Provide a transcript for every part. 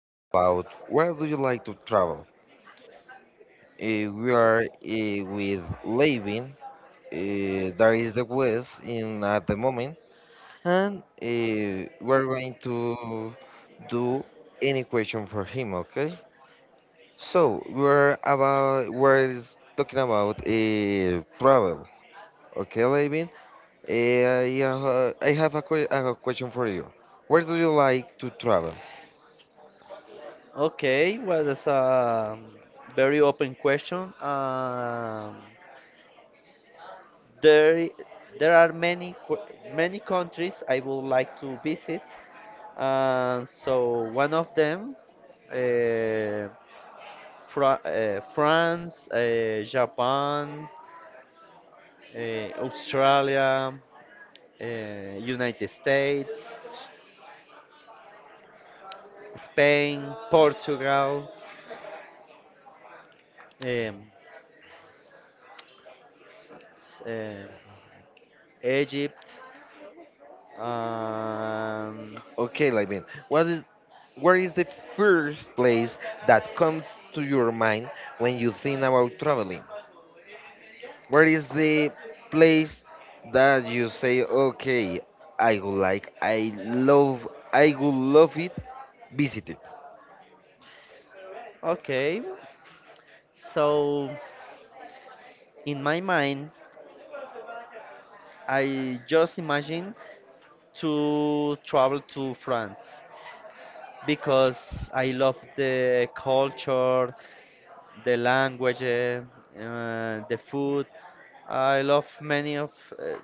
about where do you like to travel. We are with Levin, that is the West in at the moment, and we're going to do any question for him. Okay, so we're is talking about travel. Okay, Levin, I have a, a question for you. Where do you like to travel? Okay, well, that's a very open question. There, there are many, many countries I would like to visit. So one of them, uh, France, Japan, Australia, United States, Spain, Portugal, um, s- uh, Egypt. Um, Okay, Levin. What is Where is the first place that comes to your mind when you think about traveling? Where is the place that you say, okay, I love, I would love it, visit it? Okay, so in my mind, I just imagine to travel to France because I love the culture, the language, the food. I love many of uh,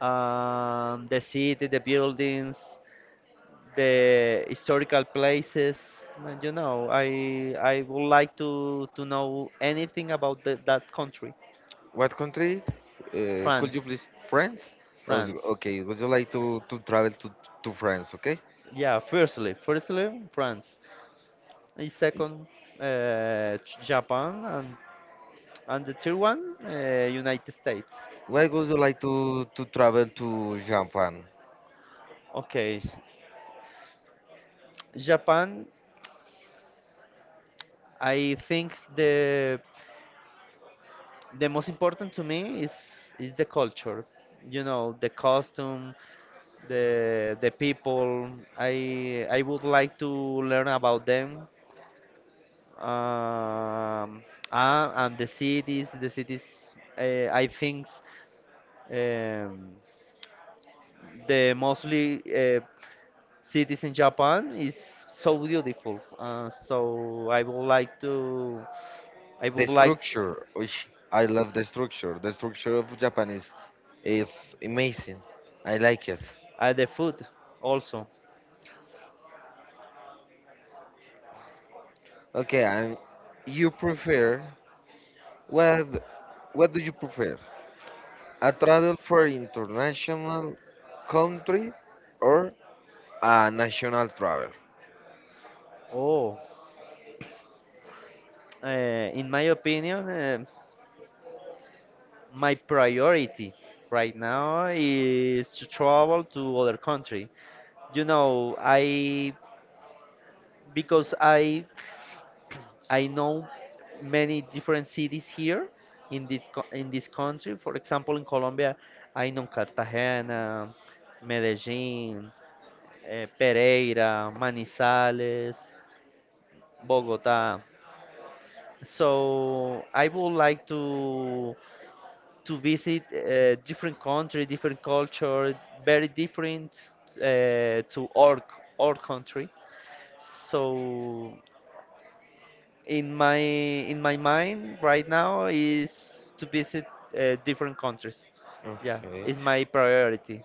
the city, the buildings, the historical places. And, you know, I would like to know anything about that country, What country? Could you France. please? France? Oh, France. okay, would you like to travel to France, okay? Yeah, firstly France. The second, Japan, and the third one, United States. Why would you like to travel to Japan? Okay, Japan. I think the most important to me is the culture. You know, the costume, the people. I would like to learn about them. Um, and the cities, the cities. I think. Um, the mostly, cities in Japan is so beautiful. I The would like structure, which I love the structure. The structure of Japanese is amazing. I like it. The food also. Okay, and you prefer what? What do you prefer? A travel for international country or a national travel? Oh, uh, in my opinion, my priority right now is to travel to other country. You know, because I I know many different cities here in the co- in this country. For example, in Colombia, I know Cartagena, Medellin, Pereira, Manizales, Bogota. So I would like to visit different country, different culture, very different to our country. So in my mind right now is to visit different countries. Yeah, Okay. is my priority.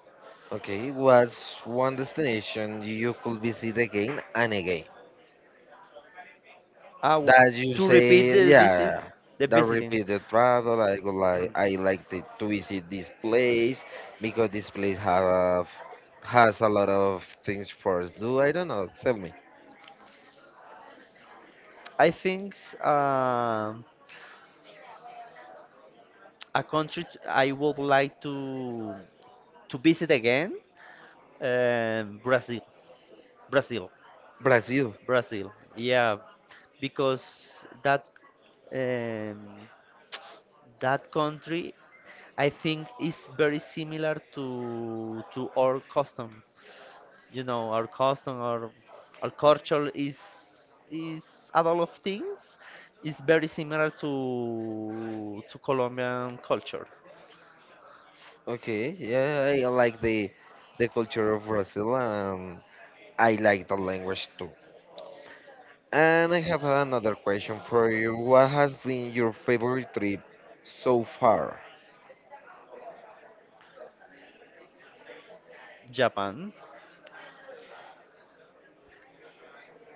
Okay. What's one destination you could visit again and again? Ah, w- That you to repeat say, the visit, yeah, the that visiting. repeated travel. I like to visit this place because this place have has a lot of things for us to do. I don't know. Tell me, I think um, a country I would like to visit again, Brazil, Brazil, Brazil. Brazil. Yeah, because um, that country, I think it's very similar to our custom. You know, our custom, our culture is a lot of things. It's very similar to Colombian culture. Okay, yeah, I like the culture of Brazil and I like the language too. And I have another question for you. What has been your favorite trip so far? Japan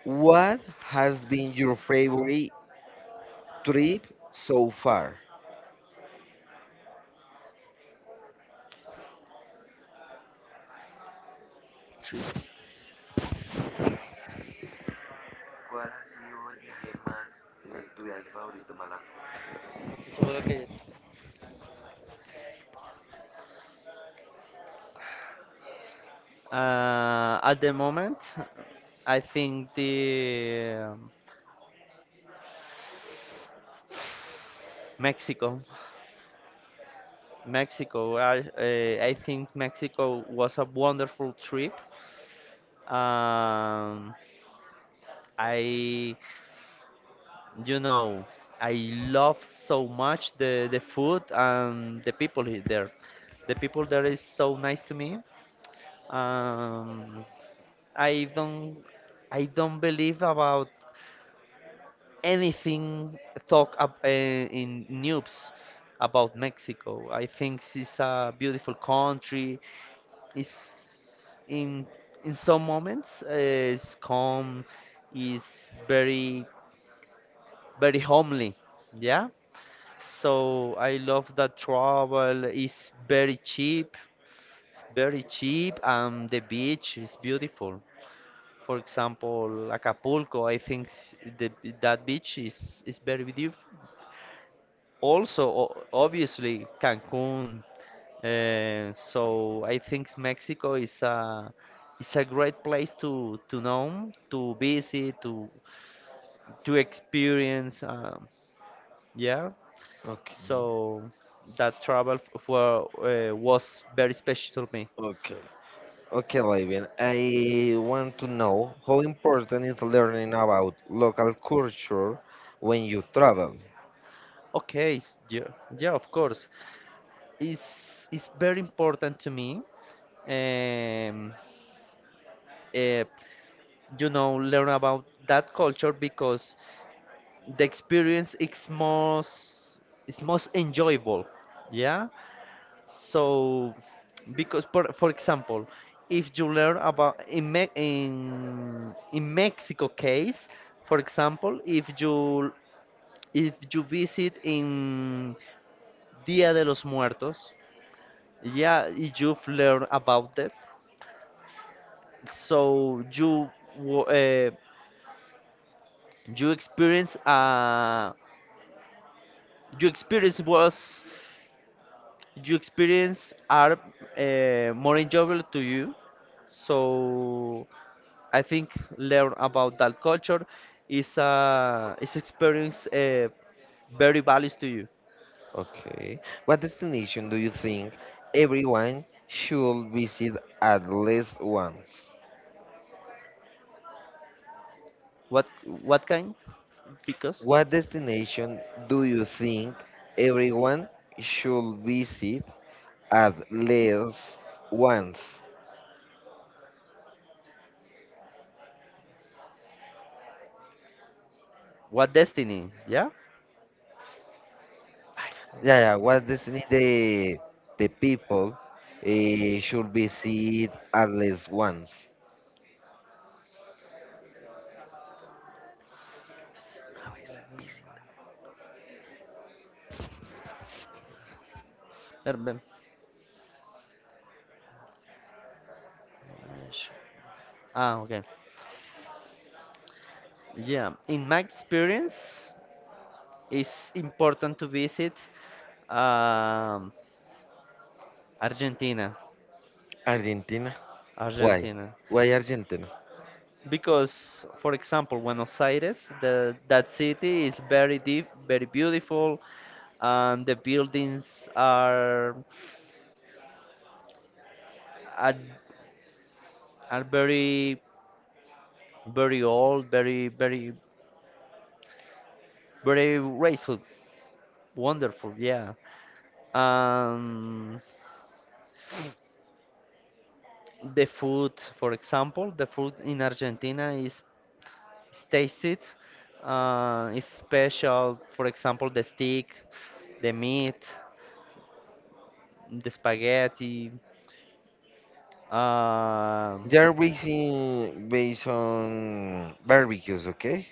What has been your favorite trip so far? trip. Seguro que- At the moment, I think the Mexico, Mexico. I think Mexico was a wonderful trip. Um, I, you know, I love so much the food and the people there. The people there is so nice to me. Um, I don't, I don't believe about anything talk up, in news about Mexico. I think it's a beautiful country. It's in some moments, it's calm, is very very homely. Yeah. So I love that travel is very cheap. It's very cheap and the beach is beautiful. For example, Acapulco, I think that beach is very beautiful. Also, obviously, Cancun. So I think Mexico is a great place to know, to visit, to experience. Yeah. Okay. So that travel was very special to me. Okay. Okay, Lavian. I want to know how important is learning about local culture when you travel. Yeah, yeah, of course. It's very important to me. Um, uh, you know, learn about that culture because the experience is most enjoyable. Yeah. So because for example, if you learn about in Me in Mexico case, for example, if you visit in Dia de los Muertos, yeah, you've learned about that. So wa- uh, you experience uh you experience was you experience are, more enjoyable to you. So I think learn about that culture is experience, very values to you. Okay. What destination do you think everyone should visit at least once? What what kind? Because. What destination do you think everyone should visit at least once? What destiny? Yeah? Yeah, yeah. What Destiny the people should visit at least once. Erbe. Yes. Ah, okay. Yeah, in my experience, it's important to visit, um, Argentina. Argentina. Why? Argentina. Why Argentina? Because, for example, Buenos Aires, that city is very deep, very beautiful, and the buildings are are very, very old, very, very, very grateful. Wonderful, yeah. Um, the food, for example, the food in Argentina is tasted. It's special, for example, the steak, the meat, the spaghetti. Um They're basing based on barbecues, okay?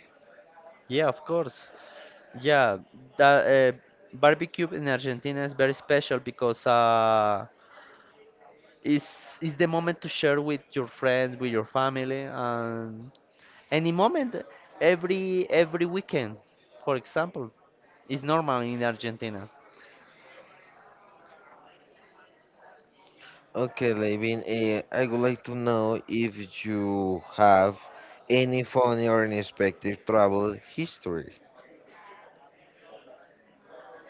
yeah, of course. Yeah, that barbecue in Argentina is very special because, it's the moment to share with your friends, with your family, and any moment, every weekend, for example, is normal in Argentina. Okay, Levin. I would like to know if you have any funny or unexpected travel history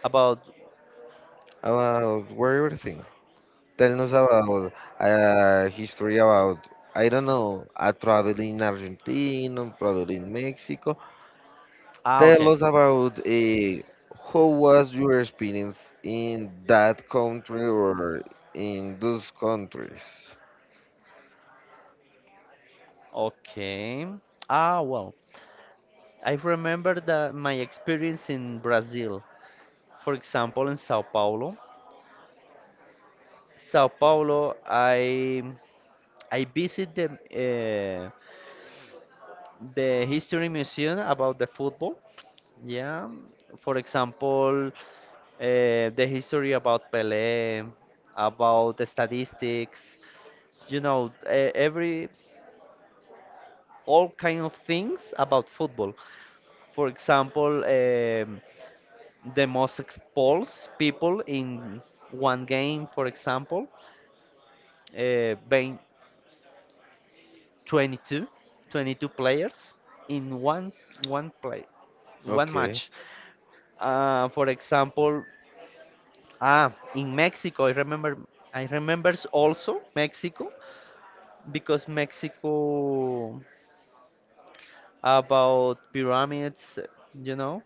About about where everything. Tell us about history about, I don't know, a travel in Argentina, travel in Mexico. Tell okay, us about how was your experience in that country or in those countries. okay. Ah, well, I remember that my experience in Brazil, for example, in Sao Paulo. Sao Paulo, I visit the history museum about the football. Yeah, for example, the history about Pelé, about the statistics, you know, every all kind of things about football. For example, the most expulsed people in one game, for example, being 22, 22 players in one play, one Okay. match. For example, in Mexico, I remembers also Mexico because Mexico about pyramids, you know.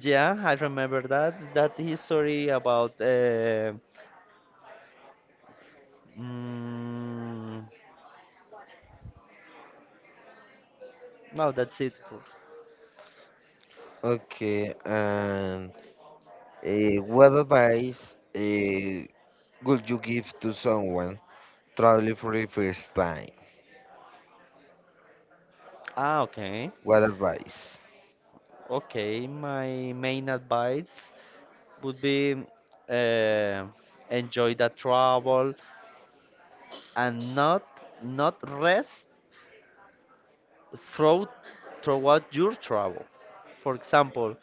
Yeah, I remember that history about. Mm, no, that's it. Okay, and what advice would you give to someone traveling for the first time? Okay, What advice? okay. My main advice would be, uh, enjoy the travel and not rest throughout, throughout your travel. For example,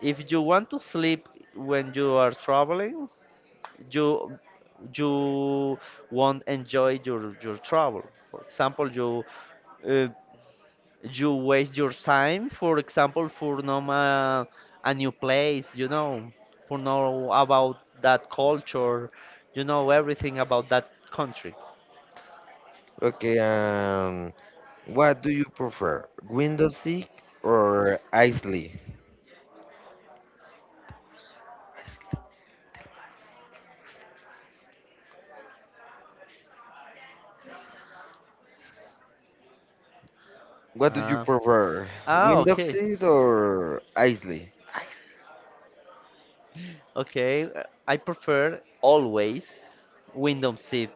if you want to sleep when you are traveling, you you won't enjoy your travel. For example, uh, you waste your time, for example, for no ma- a new place, you know, for know about that culture, you know everything about that country. Okay, what do you prefer, Windows seat or Isley? What do you Ah, prefer, Windows okay. seat or Isley? Okay, I prefer always window seat.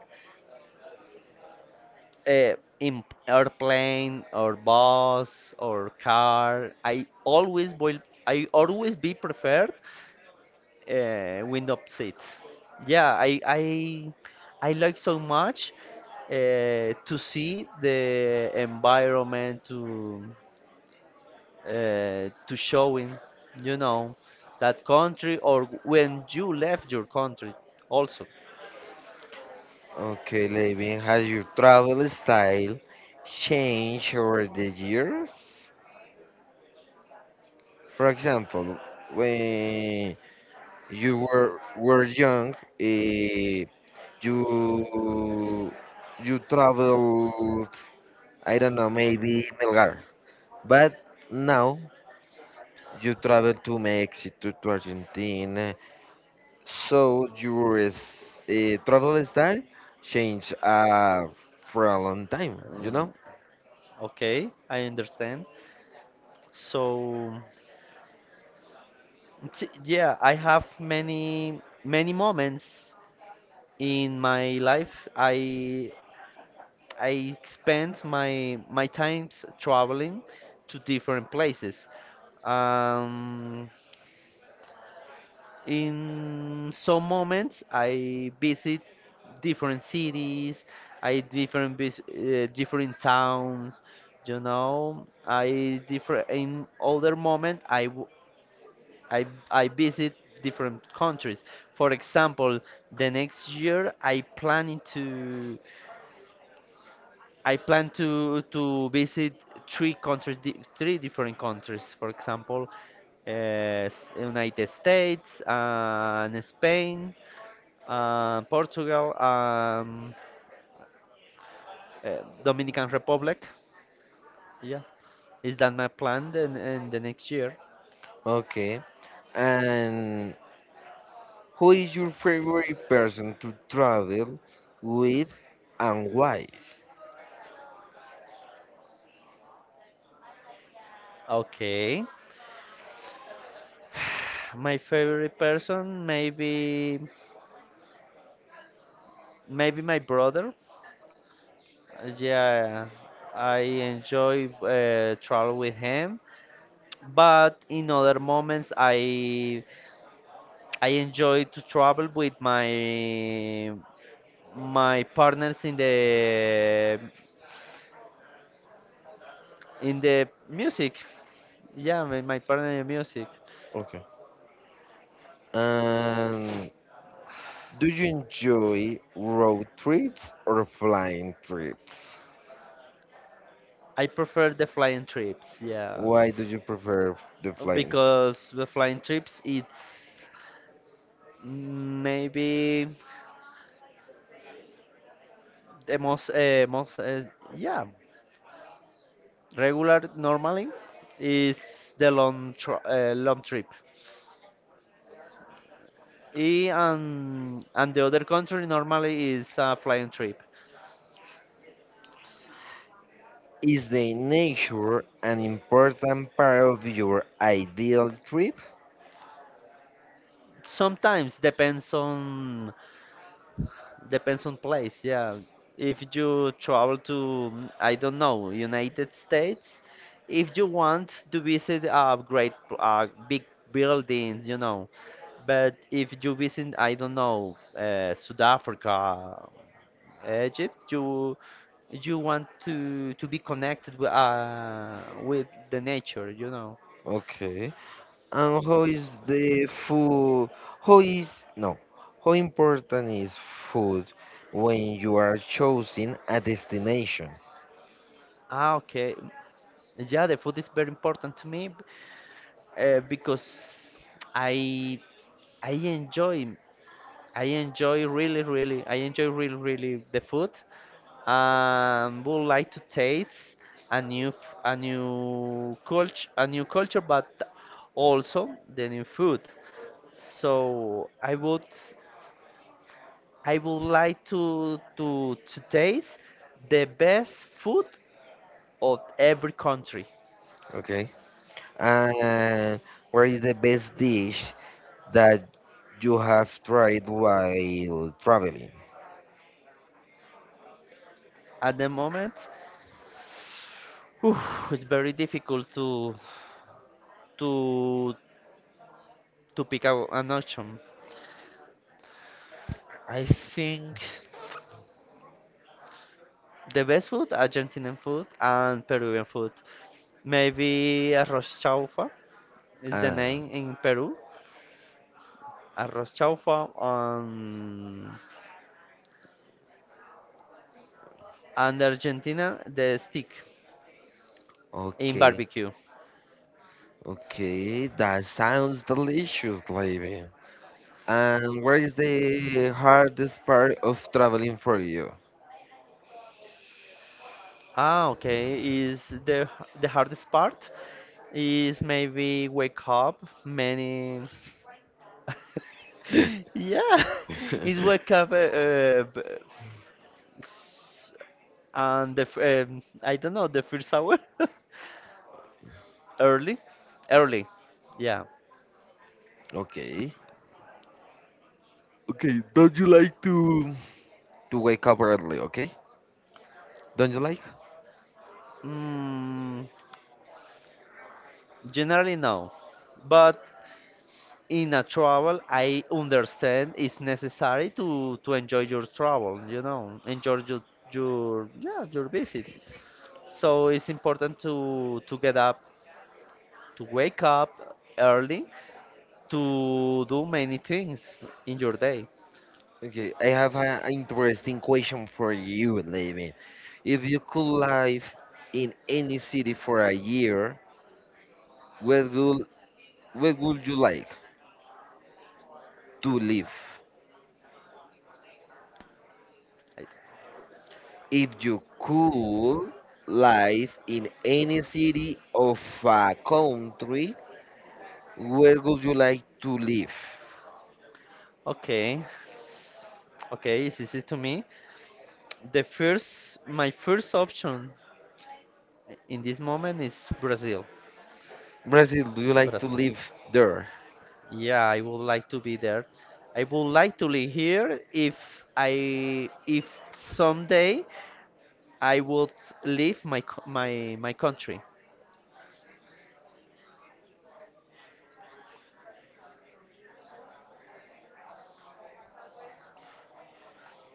In airplane or bus or car, I always will. I always be preferred, window seat. Yeah, I like so much, to see the environment to, to showing, you know, that country or when you left your country also. Okay, Levin, has your travel style changed over the years? For example, when you were young, you traveled, I don't know, maybe Melgar, but now you travel to Mexico, to Argentina. So your travel style changed for a long time, you Uh, know? Okay, I understand. So, yeah, I have many many moments in my life. I spend my times traveling to different places. Um, in some moments, I visit different cities, I different vis different towns, you know. I different In other moment, I visit different countries. For example, the next year I plan to visit three countries, three different countries. For example, uh, United States, and Spain, Portugal, Dominican Republic. Yeah, is that my plan then in the next year? Okay. And who is your favorite person to travel with and why? Okay. My favorite person maybe, maybe my brother. Yeah, I enjoy, travel with him, but in other moments I enjoy to travel with my partners in the music. Yeah, my partner in music. Okay. And do you enjoy road trips or flying trips? I prefer the flying trips. Yeah, Why do you prefer the flying? because the flying trips it's maybe the most most yeah, regular normally is the long trip. E And the other country normally is a flying trip. Is the nature an important part of your ideal trip? Sometimes depends on place. Yeah, if you travel to, I don't know, United States, if you want to visit a big buildings, you know. But if you visit, I don't know, South Africa, Egypt, you want to be connected with, with the nature, you know. Okay. And how is the food? How is no? How important is food when you are choosing a destination? Ah, okay. Yeah, the food is very important to me, because I I enjoy I enjoy really really the food. Would like to taste a a new culture but also the new food. So I would like to taste the best food of every country. Okay. And what is the best dish that you have tried while traveling? At the moment, whew, it's very difficult to to pick out an option. I think the best food, Argentinian food and Peruvian food. Maybe arroz chaufa is the Ah, name in Peru. Arroz chaufa on and Argentina the stick in okay, barbecue. okay. That sounds delicious, lady. And what is the hardest part of traveling for you? Ah, okay. Is The hardest part is maybe wake up many. Yeah, is wake up, s- on the f- I don't know, the first hour early, early. Yeah. Okay. Okay, don't you like to wake up early? Okay, don't you like? Mm, generally no, but in a travel I understand it's necessary to enjoy your travel. You know, enjoy your visit. So it's important to get up, to wake up early, to do many things in your day. Okay, I have an interesting question for you, Levin. If you could live in any city for a year, where would where would you like to live? I- If you could live in any city of a country, where would you like to live? Okay, s- okay, it's easy to me. The first, my first option in this moment is Brazil. Brazil, do you like to Brazil. live there? Yeah, I would like to be there. I would like to live here if I if someday I would leave my my country.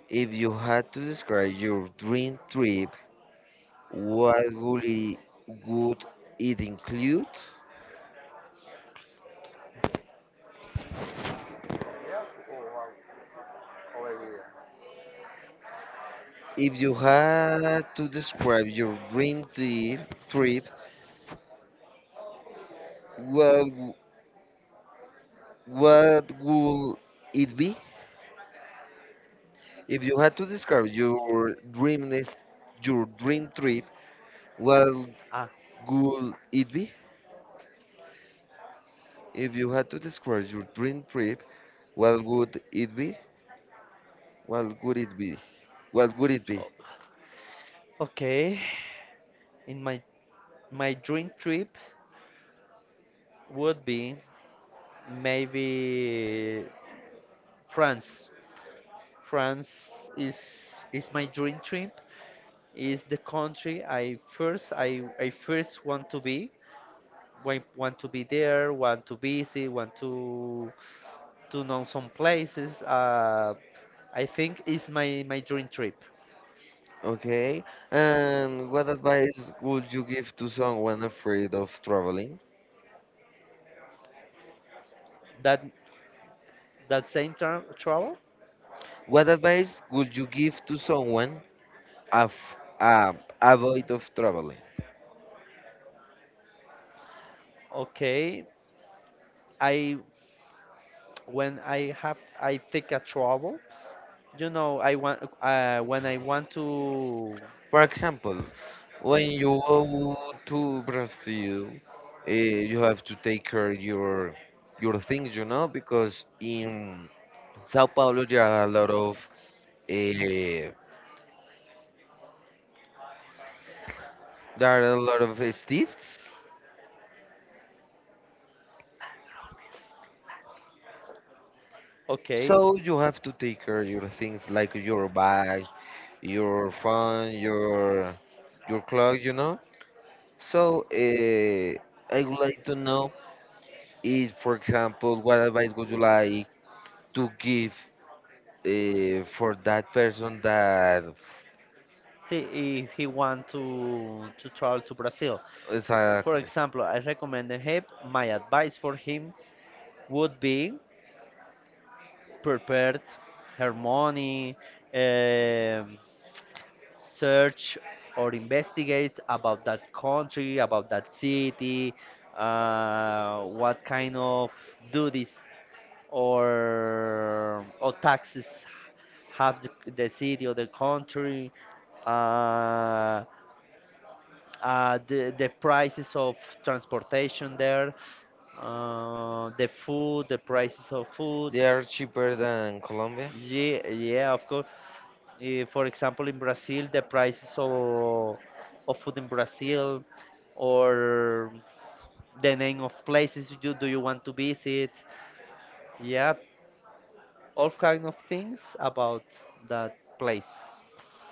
If you had to describe your dream trip, What would it, would it include? If you had to describe your dream trip, what w- what would it be? If you had to describe your dream nest- your dream trip, what Ah, would it be? If you had to describe your dream trip, what would it be? What would it be? What would it be? O- Okay, in my dream trip would be maybe France. France is my dream trip. Is the country I first want to be. Want to be there. Want to visit. Want to know some places. I think is my dream trip. Okay. And what advice would you give to someone afraid of traveling? That that same travel. What advice would you give to someone of uh, avoid of traveling? Okay, I when I have I take a travel, you know, I want when I want to, For example, when you go to Brazil, you have to take care your things, you know, because in Sao Paulo there are a lot of uh, thieves, okay, so you have to take care your things like your bag, your phone, your clothes, you know. So, I would like to know if, for example, what advice would you like to give for that person that he if he want to travel to Brazil. For exactly example, I recommend him. My advice for him would be prepared her money, um, search or investigate about that country, about that city, what kind of duties or taxes have the city or the country, uh, the prices of transportation there, the food, the prices of food. they are cheaper than Colombia? Yeah, yeah, of course. For example, in Brazil, the prices of food in Brazil, or the name of places you want to visit. Yeah, all kind of things about that place.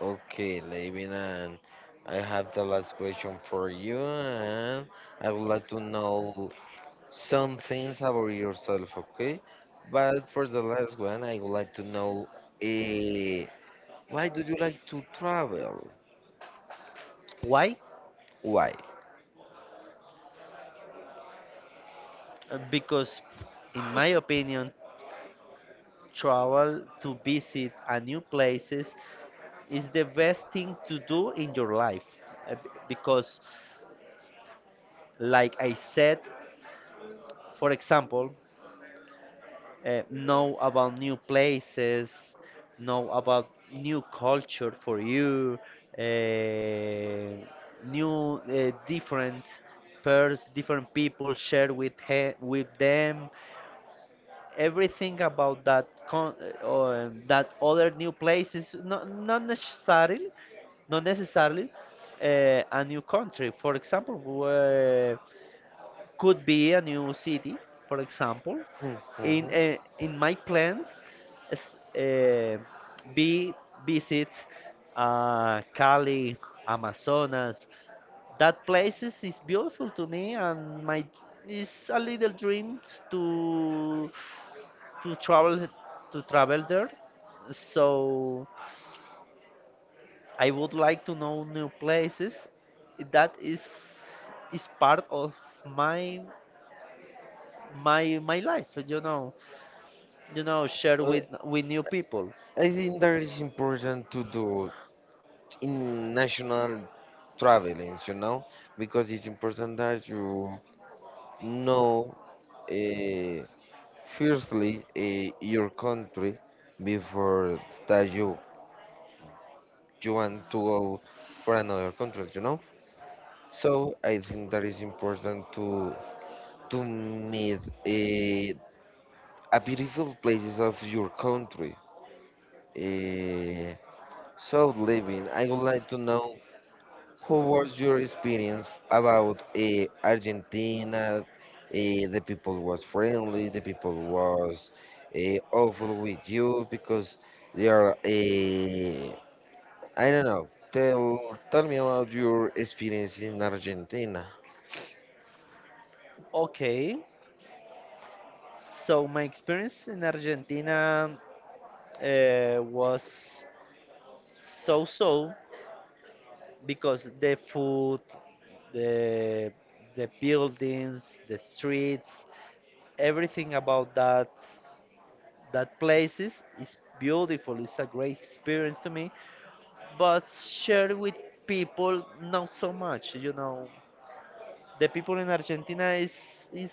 Okay, Levin, and I have the last question for you, and I would like to know some things about yourself, okay? But for the last one, I would like to know uh, why do you like to travel? Why? Why? Because, in my opinion, travel to visit a new places is the best thing to do in your life. Because, like I said, for example, know about new places, know about new culture for you, uh, new different pairs, different people share with with them. Everything about that con- or that other new places, not, not necessarily a new country. For example, could be a new city, for example. Mhm. In my plans, is, be visit, Cali, Amazonas. That places is beautiful to me, and my is a little dream to to travel travel there. So I would like to know new places. That is part of my my life, you know, you know, share Uh, with new people. I think that is important to do in national traveling, you know, because it's important that you know, uh, firstly, your country before that you want to go for another country, you know. So I think that is important to meet a beautiful places of your country. Uh, so living, I would like to know. How was your experience about Argentina? The people was friendly. The people was awful with you because they are. I don't know. Tell me about your experience in Argentina. Okay, so my experience in Argentina, was so so because the food, the the buildings, the streets, everything about that places is beautiful, it's a great experience to me, but share with people not so much, you know. The people in Argentina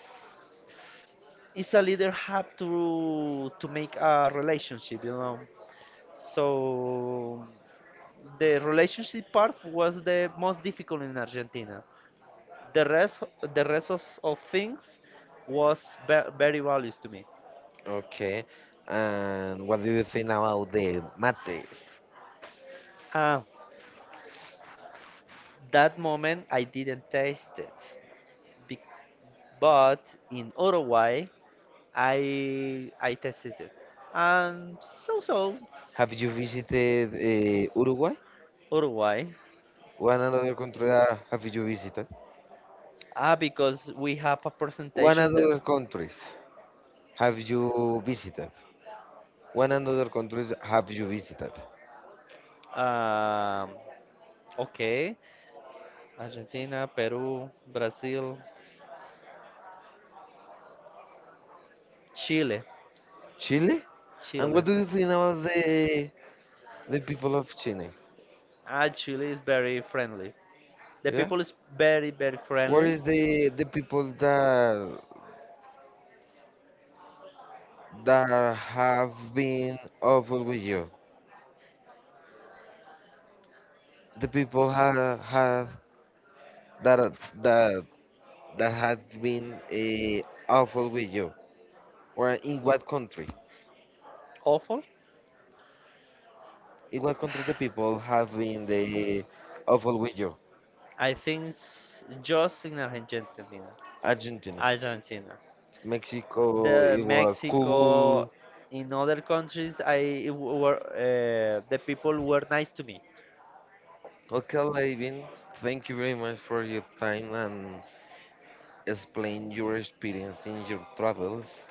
is a leader have to make a relationship, you know. So the relationship part was the most difficult in Argentina. The rest the rest of things was very values to me. Okay. And what do you think about the mate? Ah, that moment I didn't taste it, Be- but in Uruguay I I tasted it. Um, so so Have you visited Uruguay? Uruguay. One another country have you visited? Ah, because we have a One presentation there. another countries have you visited? What other countries have you visited? Um, okay. Argentina, Peru, Brazil, Chile. Chile? And Chile. what do you think about the people of Chile? Ah, Chile is very friendly. The Yeah? people is very, very Where friendly. is the people that have been awful with you? The people have that that that have been awful with you. Or in what country? Awful. In what country the people have been the awful with you? Just in Argentina. Argentina, Argentina. Mexico. The It was Mexico, Cuba. in other countries, I were, the people were nice to me. Okay, Levin, thank you very much for your time and explain your experience in your travels.